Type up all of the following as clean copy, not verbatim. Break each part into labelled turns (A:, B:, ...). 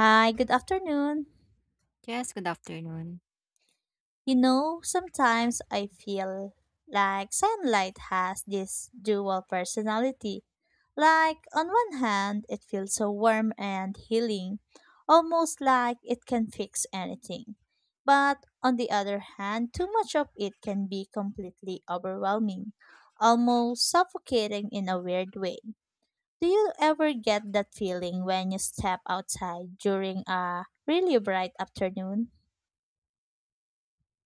A: Hi, good afternoon.
B: Yes, good afternoon.
A: You know, sometimes I feel like sunlight has this dual personality. Like, on one hand, it feels so warm and healing, almost like it can fix anything. But on the other hand, too much of it can be completely overwhelming, almost suffocating in a weird way. Do you ever get that feeling when you step outside during a really bright afternoon?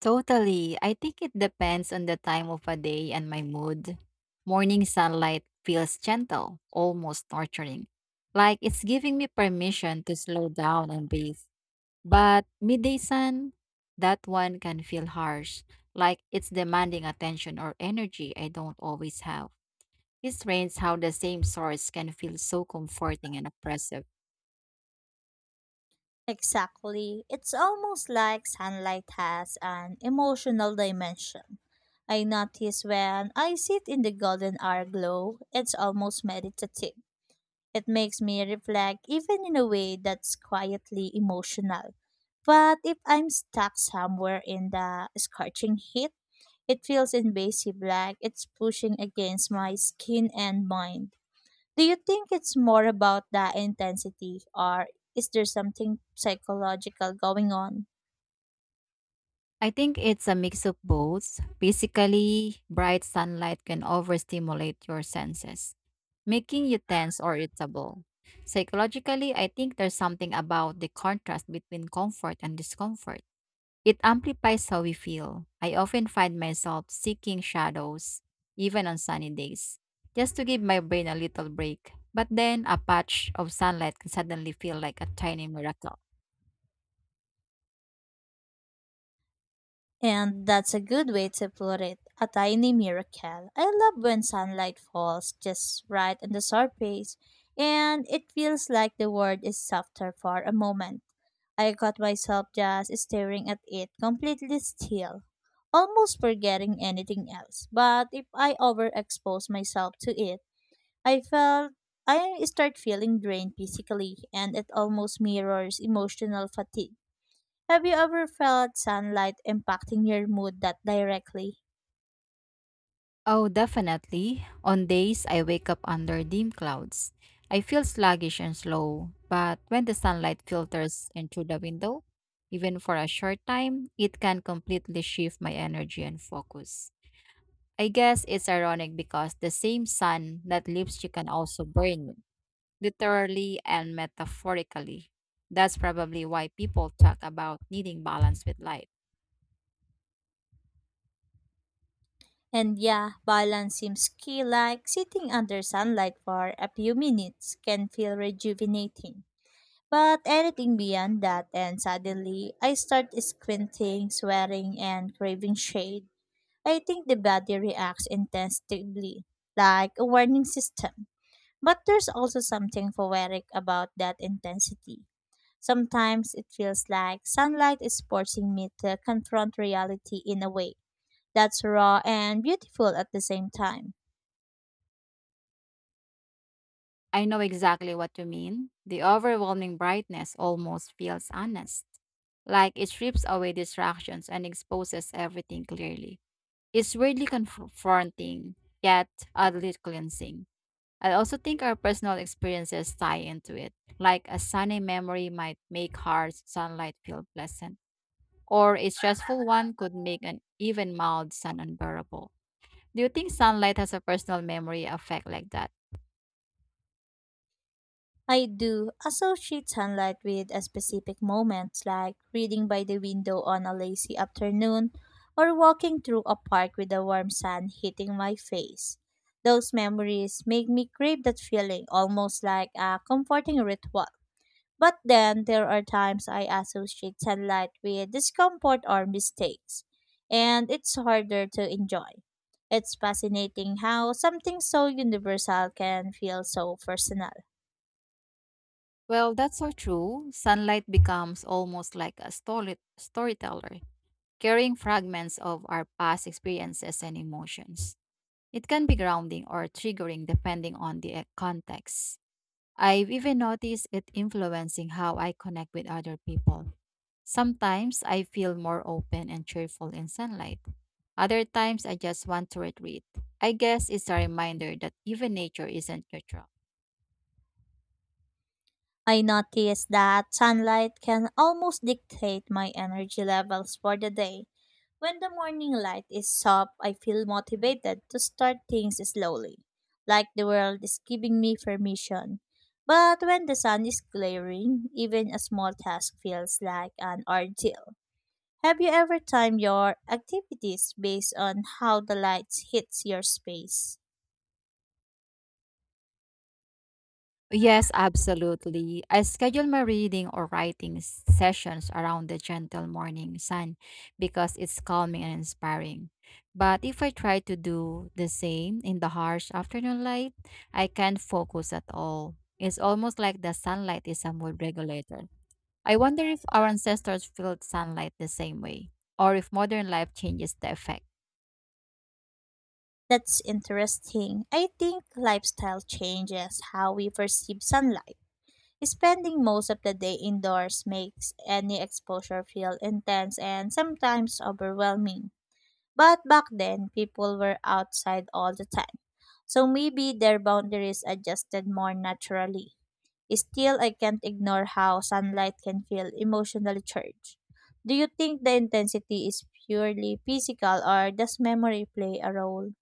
B: Totally. I think it depends on the time of a day and my mood. Morning sunlight feels gentle, almost nurturing, like it's giving me permission to slow down and breathe. But midday sun, that one can feel harsh, like it's demanding attention or energy I don't always have. It's strange how the same source can feel so comforting and oppressive.
A: Exactly. It's almost like sunlight has an emotional dimension. I notice when I sit in the golden hour glow, it's almost meditative. It makes me reflect even in a way that's quietly emotional. But if I'm stuck somewhere in the scorching heat, it feels invasive like it's pushing against my skin and mind. Do you think it's more about the intensity or is there something psychological going on?
B: I think it's a mix of both. Basically, bright sunlight can overstimulate your senses, making you tense or irritable. Psychologically, I think there's something about the contrast between comfort and discomfort. It amplifies how we feel. I often find myself seeking shadows, even on sunny days, just to give my brain a little break. But then a patch of sunlight can suddenly feel like a tiny miracle.
A: And that's a good way to put it. A tiny miracle. I love when sunlight falls just right on the surface and it feels like the world is softer for a moment. I caught myself just staring at it completely still, almost forgetting anything else. But if I overexpose myself to it, I felt I start feeling drained physically and it almost mirrors emotional fatigue. Have you ever felt sunlight impacting your mood that directly?
B: Oh, definitely. On days I wake up under dim clouds, I feel sluggish and slow, but when the sunlight filters in through the window, even for a short time, it can completely shift my energy and focus. I guess it's ironic because the same sun that lifts you can also burn me, literally and metaphorically. That's probably why people talk about needing balance with light.
A: And yeah, balance seems key like sitting under sunlight for a few minutes can feel rejuvenating. But anything beyond that and suddenly I start squinting, sweating and craving shade. I think the body reacts intensively, like a warning system. But there's also something poetic about that intensity. Sometimes it feels like sunlight is forcing me to confront reality in a way that's raw and beautiful at the same time.
B: I know exactly what you mean. The overwhelming brightness almost feels honest, like it strips away distractions and exposes everything clearly. It's weirdly confronting, yet oddly cleansing. I also think our personal experiences tie into it, like a sunny memory might make harsh sunlight feel pleasant or a stressful one could make an even mild sun unbearable. Do you think sunlight has a personal memory effect like that?
A: I do associate sunlight with a specific moment, like reading by the window on a lazy afternoon or walking through a park with the warm sun hitting my face. Those memories make me crave that feeling almost like a comforting ritual. But then there are times I associate sunlight with discomfort or mistakes, and it's harder to enjoy. It's fascinating how something so universal can feel so personal.
B: Well, that's so true. Sunlight becomes almost like a storyteller, carrying fragments of our past experiences and emotions. It can be grounding or triggering depending on the context. I've even noticed it influencing how I connect with other people. Sometimes I feel more open and cheerful in sunlight. Other times I just want to retreat. I guess it's a reminder that even nature isn't neutral.
A: I noticed that sunlight can almost dictate my energy levels for the day. When the morning light is soft, I feel motivated to start things slowly, like the world is giving me permission. But when the sun is glaring, even a small task feels like an ordeal. Have you ever timed your activities based on how the light hits your space?
B: Yes, absolutely. I schedule my reading or writing sessions around the gentle morning sun because it's calming and inspiring. But if I try to do the same in the harsh afternoon light, I can't focus at all. It's almost like the sunlight is a mood regulator. I wonder if our ancestors felt sunlight the same way, or if modern life changes the effect.
A: That's interesting. I think lifestyle changes how we perceive sunlight. Spending most of the day indoors makes any exposure feel intense and sometimes overwhelming. But back then, people were outside all the time. So maybe their boundaries adjusted more naturally. Still, I can't ignore how sunlight can feel emotionally charged. Do you think the intensity is purely physical or does memory play a role?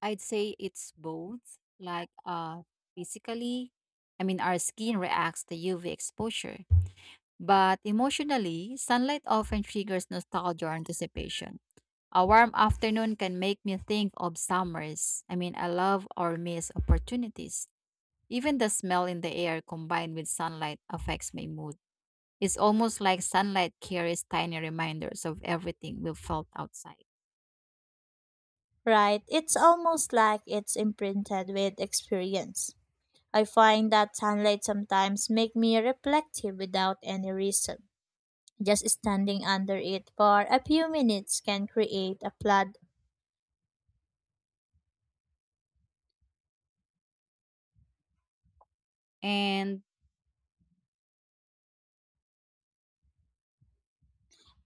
B: I'd say it's both, like physically, I mean, our skin reacts to UV exposure, but emotionally, sunlight often triggers nostalgia or anticipation. A warm afternoon can make me think of summers. I mean, I love or miss opportunities. Even the smell in the air combined with sunlight affects my mood. It's almost like sunlight carries tiny reminders of everything we felt outside.
A: Right, it's almost like it's imprinted with experience. I find that sunlight sometimes make me reflective without any reason. Just standing under it for a few minutes can create a flood.
B: And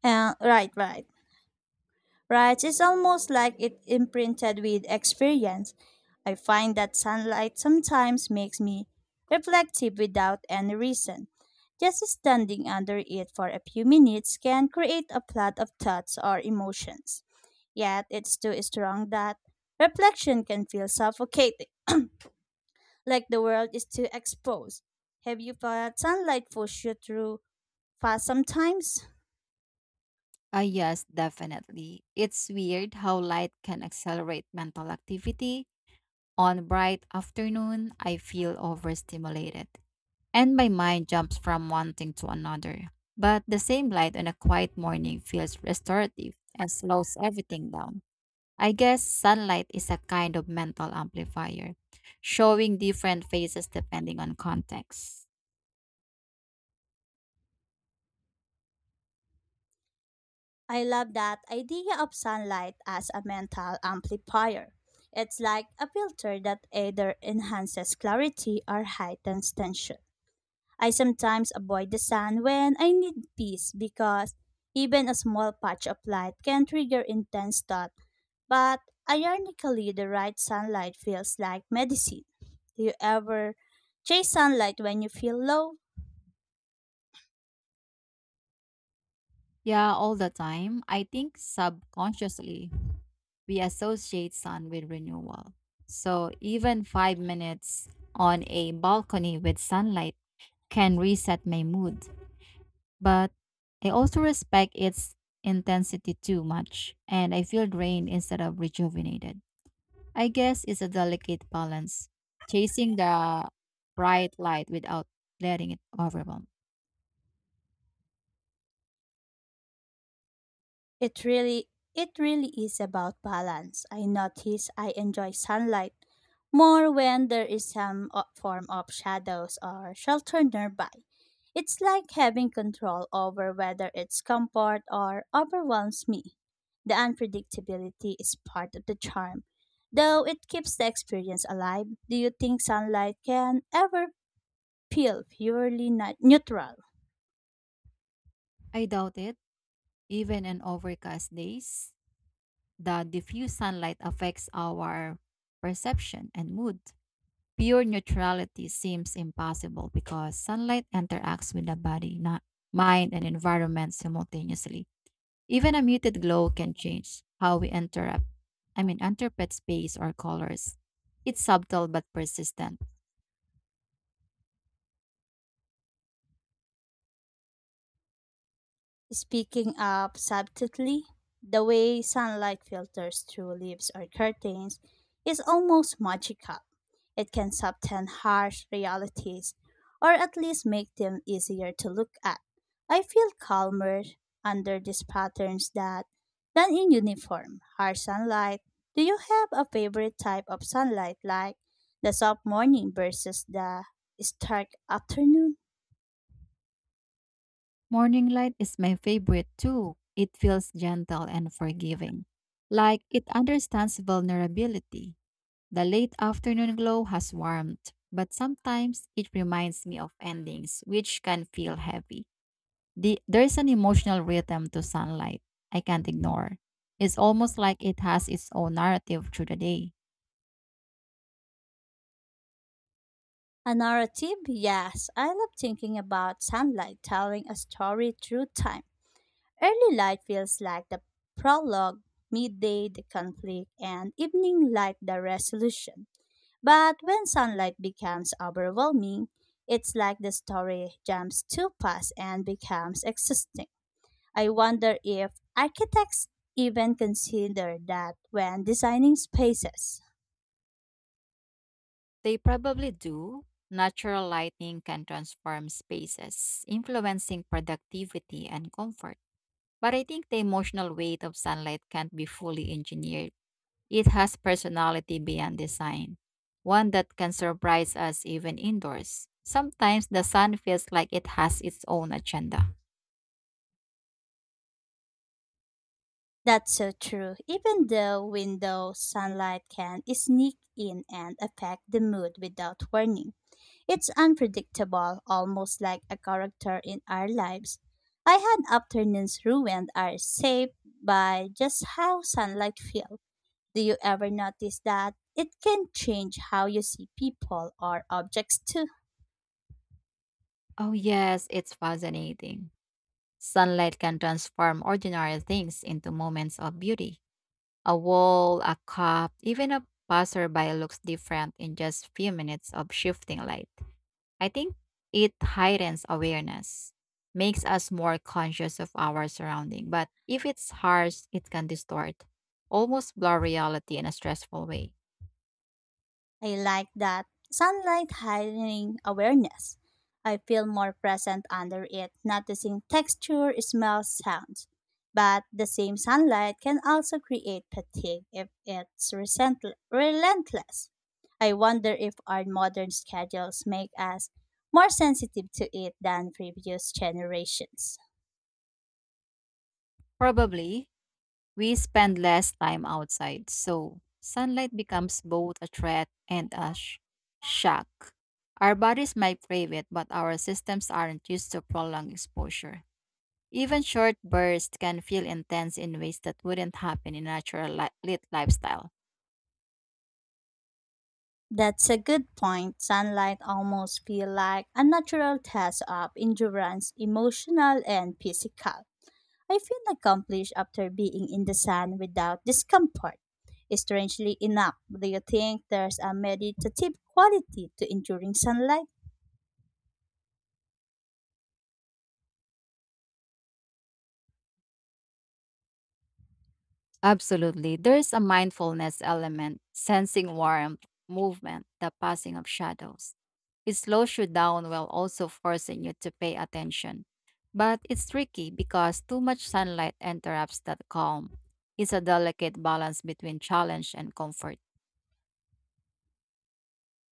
A: Right, right. Right, it's almost like it imprinted with experience. I find that sunlight sometimes makes me reflective without any reason. Just standing under it for a few minutes can create a flood of thoughts or emotions. Yet it's too strong that reflection can feel suffocating, like the world is too exposed. Have you felt sunlight push you through fast sometimes?
B: yes, definitely. It's weird how light can accelerate mental activity. On bright afternoon, I feel overstimulated and my mind jumps from one thing to another. But the same light on a quiet morning feels restorative and slows everything down. I guess sunlight is a kind of mental amplifier, showing different faces depending on context.
A: I love that idea of sunlight as a mental amplifier. It's like a filter that either enhances clarity or heightens tension. I sometimes avoid the sun when I need peace because even a small patch of light can trigger intense thought. But ironically, the right sunlight feels like medicine. Do you ever chase sunlight when you feel low?
B: Yeah, all the time. I think subconsciously we associate sun with renewal. So even 5 minutes on a balcony with sunlight can reset my mood. But I also respect its intensity too much, and I feel drained instead of rejuvenated. I guess it's a delicate balance, chasing the bright light without letting it overwhelm.
A: It really it really is about balance. I notice I enjoy sunlight more when there is some form of shadows or shelter nearby. It's like having control over whether it's comfort or overwhelms me. The unpredictability is part of the charm, though it keeps the experience alive. Do you think sunlight can ever feel purely neutral?
B: I doubt it, even in overcast days, the diffuse sunlight affects our perception and mood. Pure neutrality seems impossible because sunlight interacts with the body, not mind, and environment simultaneously. Even a muted glow can change how we interpret space or colors. It's subtle but persistent.
A: Speaking up subtly, the way sunlight filters through leaves or curtains is almost magical. It can soften harsh realities, or at least make them easier to look at. I feel calmer under these patterns that than in uniform, harsh sunlight. Do you have a favorite type of sunlight like the soft morning versus the stark afternoon?
B: Morning light is my favorite too. It feels gentle and forgiving, like it understands vulnerability. The late afternoon glow has warmth, but sometimes it reminds me of endings, which can feel heavy. There's an emotional rhythm to sunlight I can't ignore. It's almost like it has its own narrative through the day.
A: A narrative? Yes, I love thinking about sunlight telling a story through time. Early light feels like the prologue, midday the conflict, and evening light the resolution. But when sunlight becomes overwhelming, it's like the story jumps too fast and becomes existing. I wonder if architects even consider that when designing spaces.
B: They probably do. Natural lighting can transform spaces, influencing productivity and comfort. But I think the emotional weight of sunlight can't be fully engineered. It has personality beyond design, one that can surprise us even indoors. Sometimes the sun feels like it has its own agenda.
A: That's so true. Even the window sunlight can sneak in and affect the mood without warning. It's unpredictable, almost like a character in our lives. I had afternoons ruined are saved by just how sunlight feels. Do you ever notice that it can change how you see people or objects too?
B: Oh, yes, it's fascinating. Sunlight can transform ordinary things into moments of beauty. A wall, a cup, even a passerby looks different in just few minutes of shifting light. I think it heightens awareness, makes us more conscious of our surrounding, but if it's harsh, it can distort, almost blur reality in a stressful way.
A: I like that sunlight heightening awareness. I feel more present under it, noticing texture, smells, sounds. But the same sunlight can also create fatigue if it's relentless. I wonder if our modern schedules make us more sensitive to it than previous generations.
B: Probably. We spend less time outside, so sunlight becomes both a threat and a shock. Our bodies might crave it, but our systems aren't used to prolonged exposure. Even short bursts can feel intense in ways that wouldn't happen in a natural li- lit lifestyle.
A: That's a good point. Sunlight almost feel like a natural test of endurance, emotional and physical. I feel accomplished after being in the sun without discomfort. Strangely enough, do you think there's a meditative quality to enduring sunlight?
B: Absolutely. There's a mindfulness element, sensing warmth, movement, the passing of shadows. It slows you down while also forcing you to pay attention. But it's tricky because too much sunlight interrupts that calm. It's a delicate balance between challenge and comfort.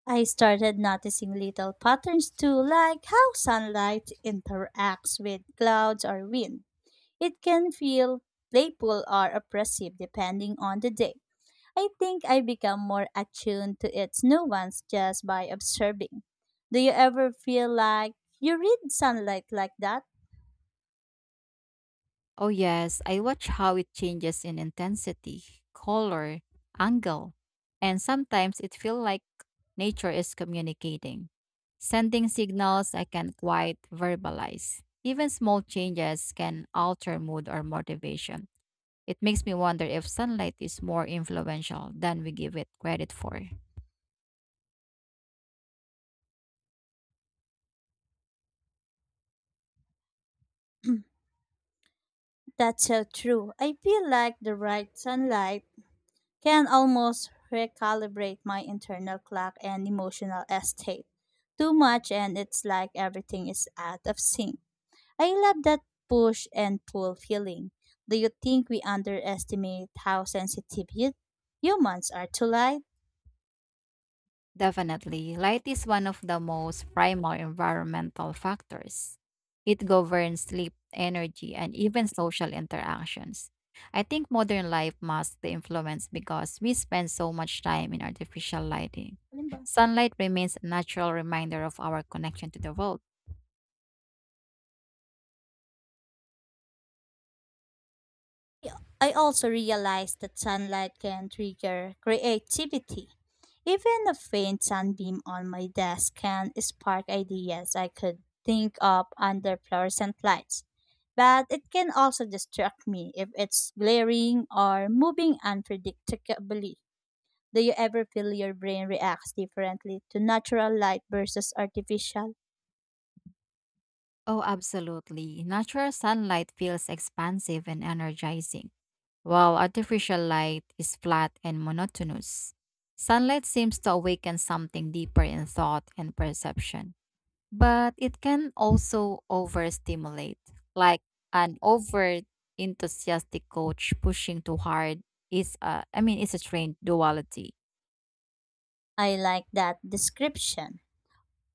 A: I started noticing little patterns too, like how sunlight interacts with clouds or wind. It can feel playful or oppressive depending on the day. I think I become more attuned to its nuance just by observing. Do you ever feel like you read sunlight like that?
B: Oh, yes, I watch how it changes in intensity, color, angle, and sometimes it feels like nature is communicating, sending signals I can't quite verbalize. Even small changes can alter mood or motivation. It makes me wonder if sunlight is more influential than we give it credit for.
A: That's so true. I feel like the right sunlight can almost recalibrate my internal clock and emotional state. Too much, and it's like everything is out of sync. I love that push and pull feeling. Do you think we underestimate how sensitive humans are to light?
B: Definitely, light is one of the most primal environmental factors. It governs sleep, energy, and even social interactions. I think modern life masks the influence because we spend so much time in artificial lighting.
A: Alin ba?
B: Sunlight remains a natural reminder of our connection to the world.
A: I also realized that sunlight can trigger creativity. Even a faint sunbeam on my desk can spark ideas I could think of under fluorescent lights. But it can also distract me if it's glaring or moving unpredictably. Do you ever feel your brain reacts differently to natural light versus artificial?
B: Oh, absolutely. Natural sunlight feels expansive and energizing, while artificial light is flat and monotonous. Sunlight seems to awaken something deeper in thought and perception, but it can also overstimulate, like an over enthusiastic coach pushing too hard is a, I mean it's a trained duality.
A: I like that description.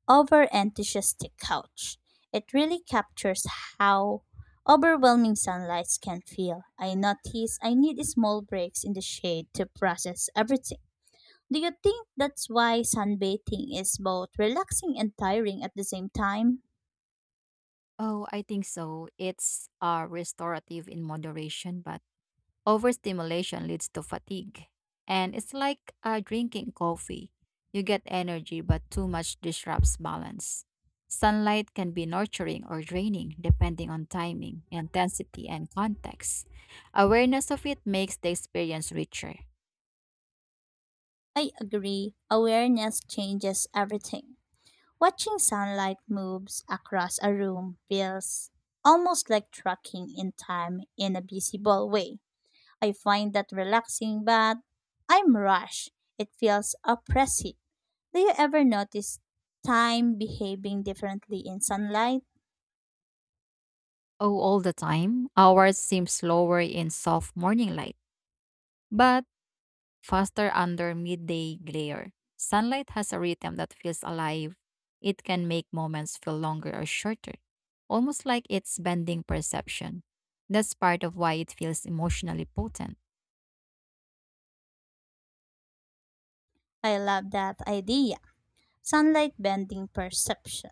A: Over enthusiastic couch. It really captures how overwhelming sunlight can feel. I notice I need small breaks in the shade to process everything. Do you think that's why sunbathing is both relaxing and tiring at the same time?
B: Oh, I think so. It's restorative in moderation, but overstimulation leads to fatigue. And it's like drinking coffee. You get energy, but too much disrupts balance. Sunlight can be nurturing or draining depending on timing, intensity, and context. Awareness of it makes the experience richer.
A: I agree. Awareness changes everything. Watching sunlight moves across a room feels almost like tracking in time in a visible way. I find that relaxing, but I'm rushed. It feels oppressive. Do you ever notice time behaving differently in sunlight?
B: Oh, all the time, hours seem slower in soft morning light, but faster under midday glare. Sunlight has a rhythm that feels alive. It can make moments feel longer or shorter, almost like it's bending perception. That's part of why it feels emotionally potent.
A: I love that idea. Sunlight bending perception.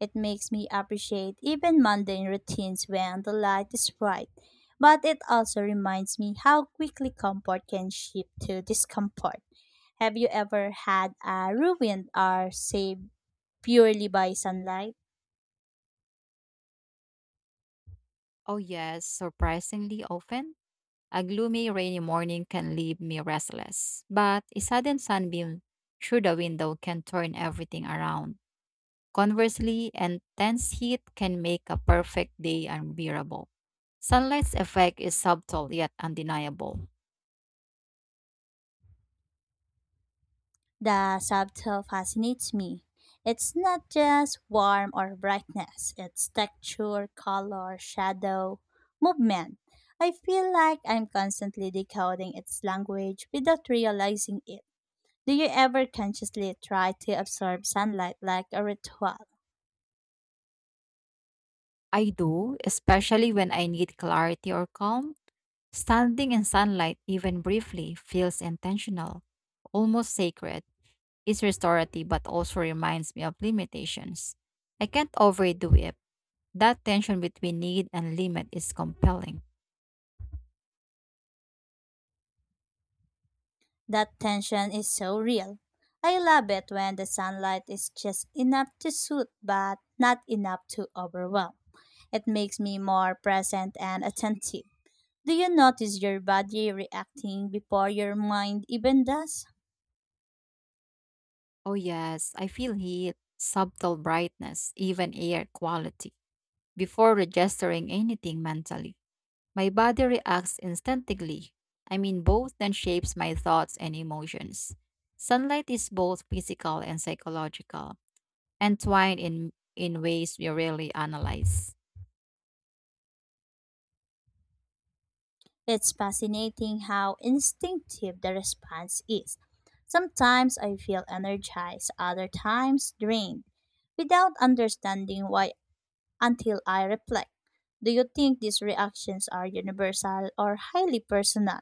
A: It makes me appreciate even mundane routines when the light is bright. But it also reminds me how quickly comfort can shift to discomfort. Have you ever had a ruined hour saved purely by sunlight?
B: Oh, yes, surprisingly often, a gloomy, rainy morning can leave me restless, but a sudden sunbeam through the window can turn everything around. Conversely, intense heat can make a perfect day unbearable. Sunlight's effect is subtle yet undeniable.
A: The subtle fascinates me. It's not just warmth or brightness, it's texture, color, shadow, movement. I feel like I'm constantly decoding its language without realizing it. Do you ever consciously try to absorb sunlight like a ritual?
B: I do, especially when I need clarity or calm. Standing in sunlight, even briefly, feels intentional, almost sacred. It's restorative but also reminds me of limitations. I can't overdo it. That tension between need and limit is compelling.
A: That tension is so real. I love it when the sunlight is just enough to soothe but not enough to overwhelm. It makes me more present and attentive. Do you notice your body reacting before your mind even does?
B: Oh, yes, I feel heat, subtle brightness, even air quality, before registering anything mentally. My body reacts instinctively. I mean, both then shapes my thoughts and emotions. Sunlight is both physical and psychological, entwined in ways we rarely analyze.
A: It's fascinating how instinctive the response is. Sometimes I feel energized, other times drained, without understanding why until I reflect. Do you think these reactions are universal or highly personal?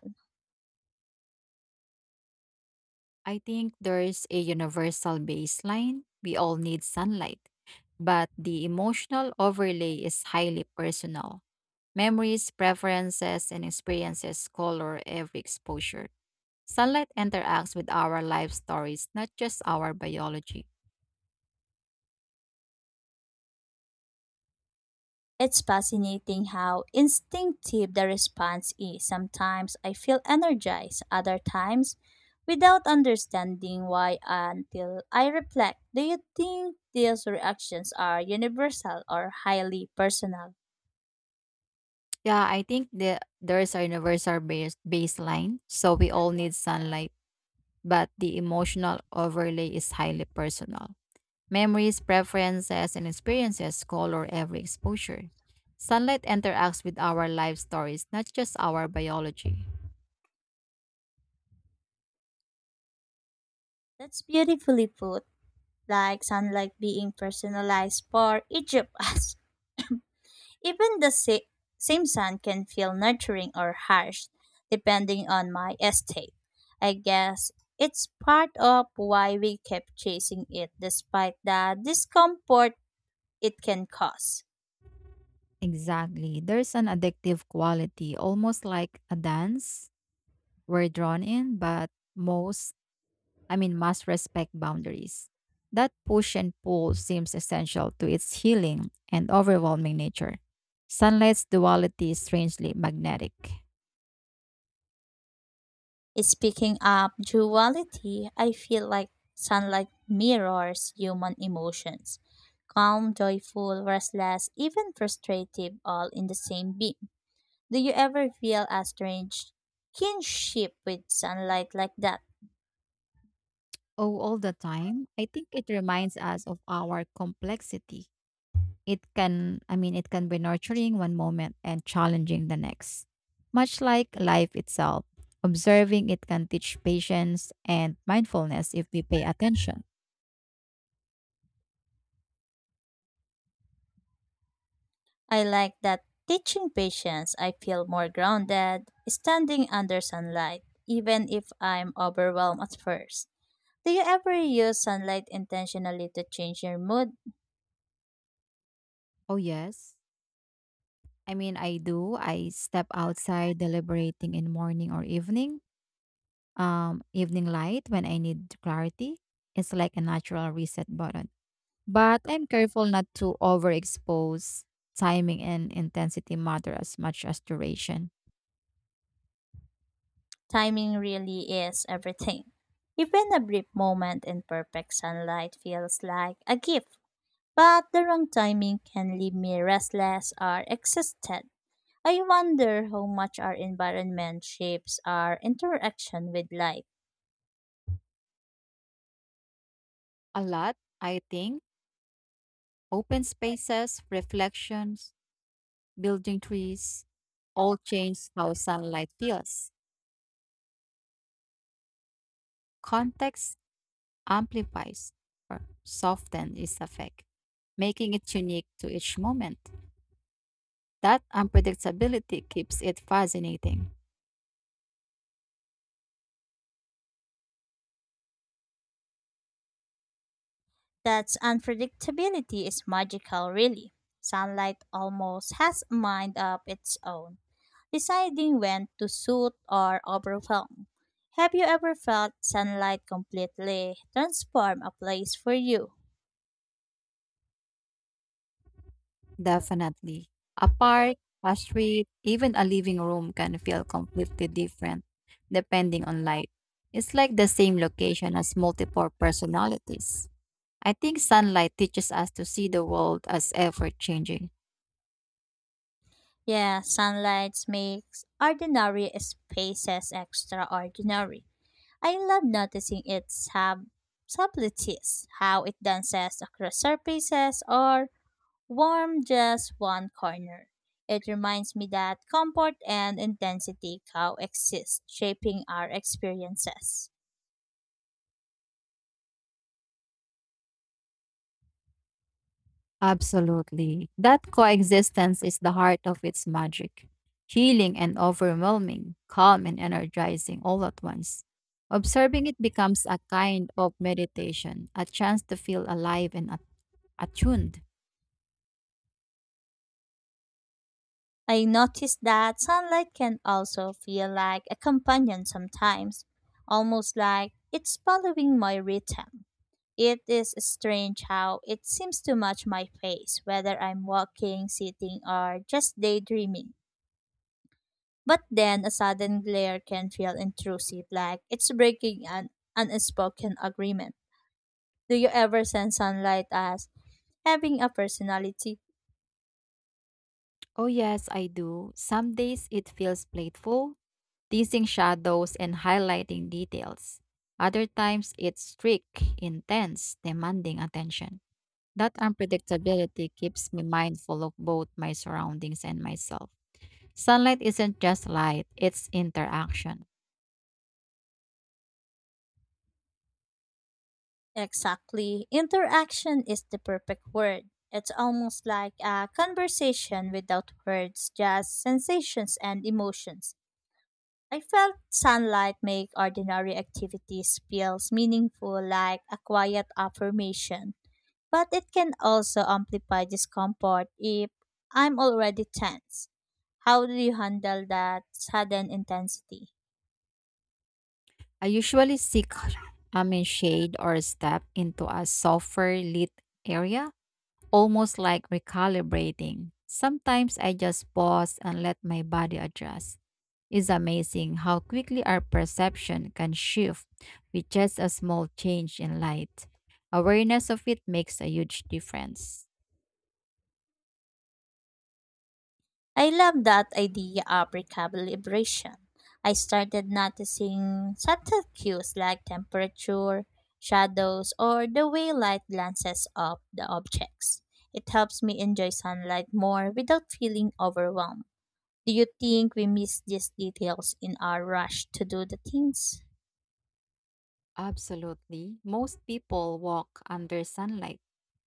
B: I think there's a universal baseline. We all need sunlight, but the emotional overlay is highly personal. Memories, preferences, and experiences color every exposure. Sunlight interacts with our life stories, not just our biology.
A: It's fascinating how instinctive the response is. Sometimes I feel energized, other times without understanding why until I reflect. Do you think these reactions are universal or highly personal?
B: Yeah, I think there's a universal base baseline, so we all need sunlight, but the emotional overlay is highly personal. Memories, preferences, and experiences color every exposure. Sunlight interacts with our life stories, not just our biology.
A: That's beautifully put, like sunlight being personalized for each of us. Even the same scent can feel nurturing or harsh, depending on my estate. I guess it's part of why we kept chasing it despite the discomfort it can cause.
B: Exactly. There's an addictive quality, almost like a dance. We're drawn in, but must respect boundaries. That push and pull seems essential to its healing and overwhelming nature. Sunlight's duality is strangely magnetic.
A: Speaking of duality, I feel like sunlight mirrors human emotions calm, joyful, restless, even frustrative, all in the same beam. Do you ever feel a strange kinship with sunlight like that?
B: Oh, all the time, I think it reminds us of our complexity. It can be nurturing one moment and challenging the next. Much like life itself, observing it can teach patience and mindfulness if we pay attention.
A: I like that teaching patience. I feel more grounded standing under sunlight, even if I'm overwhelmed at first. Do you ever use sunlight intentionally to change your mood?
B: Oh, yes. I mean, I do. I step outside deliberating in morning or evening light when I need clarity. It's like a natural reset button. But I'm careful not to overexpose. Timing and intensity matter as much as duration.
A: Timing really is everything. Even a brief moment in perfect sunlight feels like a gift, but the wrong timing can leave me restless or exhausted. I wonder how much our environment shapes our interaction with light.
B: A lot, I think. Open spaces, reflections, building trees, all change how sunlight feels. Context amplifies or softens its effect, making it unique to each moment. That unpredictability keeps it fascinating.
A: That unpredictability is magical, really. Sunlight almost has a mind of its own, deciding when to soothe or overwhelm. Have you ever felt sunlight completely transform a place for you?
B: Definitely. A park, a street, even a living room can feel completely different depending on light. It's like the same location has multiple personalities. I think sunlight teaches us to see the world as ever changing.
A: Yeah, sunlight makes ordinary spaces extraordinary. I love noticing its subtleties, how it dances across surfaces or warm just one corner. It reminds me that comfort and intensity coexist, shaping our experiences.
B: Absolutely. That coexistence is the heart of its magic, healing and overwhelming, calm and energizing all at once. Observing it becomes a kind of meditation, a chance to feel alive and attuned.
A: I noticed that sunlight can also feel like a companion sometimes, almost like it's following my rhythm. It is strange how it seems to match my face, whether I'm walking, sitting, or just daydreaming. But then a sudden glare can feel intrusive, like it's breaking an unspoken agreement. Do you ever sense sunlight as having a personality?
B: Oh, yes, I do. Some days it feels playful, teasing shadows and highlighting details. Other times it's strict, intense, demanding attention. That unpredictability keeps me mindful of both my surroundings and myself. Sunlight isn't just light, it's interaction.
A: Exactly. Interaction is the perfect word. It's almost like a conversation without words, just sensations and emotions. I felt sunlight make ordinary activities feels meaningful like a quiet affirmation. But it can also amplify discomfort if I'm already tense. How do you handle that sudden intensity?
B: I usually seek I mean shade or step into a softer lit area, almost like recalibrating. Sometimes I just pause and let my body adjust. It's amazing how quickly our perception can shift with just a small change in light. Awareness of it makes a huge difference.
A: I love that idea of recalibration. I started noticing subtle cues like temperature, shadows, or the way light glances off the objects. It helps me enjoy sunlight more without feeling overwhelmed. Do you think we miss these details in our rush to do the things?
B: Absolutely. Most people walk under sunlight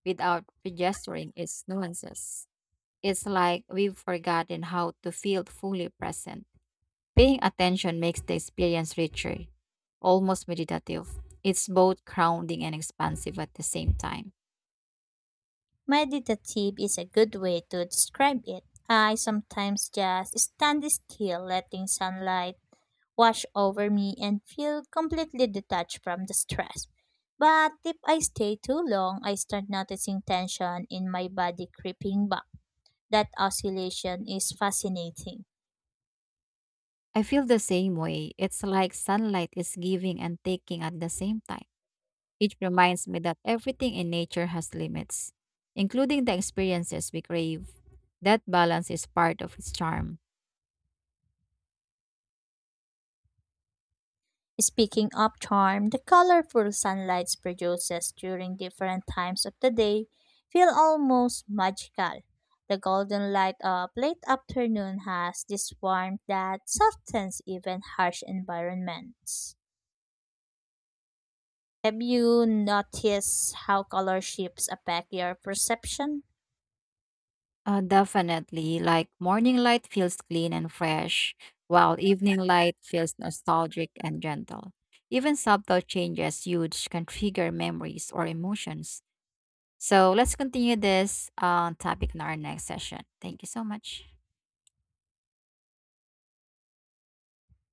B: without registering its nuances. It's like we've forgotten how to feel fully present. Paying attention makes the experience richer, almost meditative. It's both grounding and expansive at the same time.
A: Meditative is a good way to describe it. I sometimes just stand still, letting sunlight wash over me and feel completely detached from the stress. But if I stay too long, I start noticing tension in my body creeping back. That oscillation is fascinating.
B: I feel the same way. It's like sunlight is giving and taking at the same time. It reminds me that everything in nature has limits, including the experiences we crave. That balance is part of its charm.
A: Speaking of charm, the colorful sunlight produces during different times of the day feel almost magical. The golden light of late afternoon has this warmth that softens even harsh environments. Have you noticed how color shifts affect your perception?
B: Definitely, like morning light feels clean and fresh, while evening light feels nostalgic and gentle. Even subtle changes huge can trigger memories or emotions. So let's continue this topic in our next session. Thank you so much.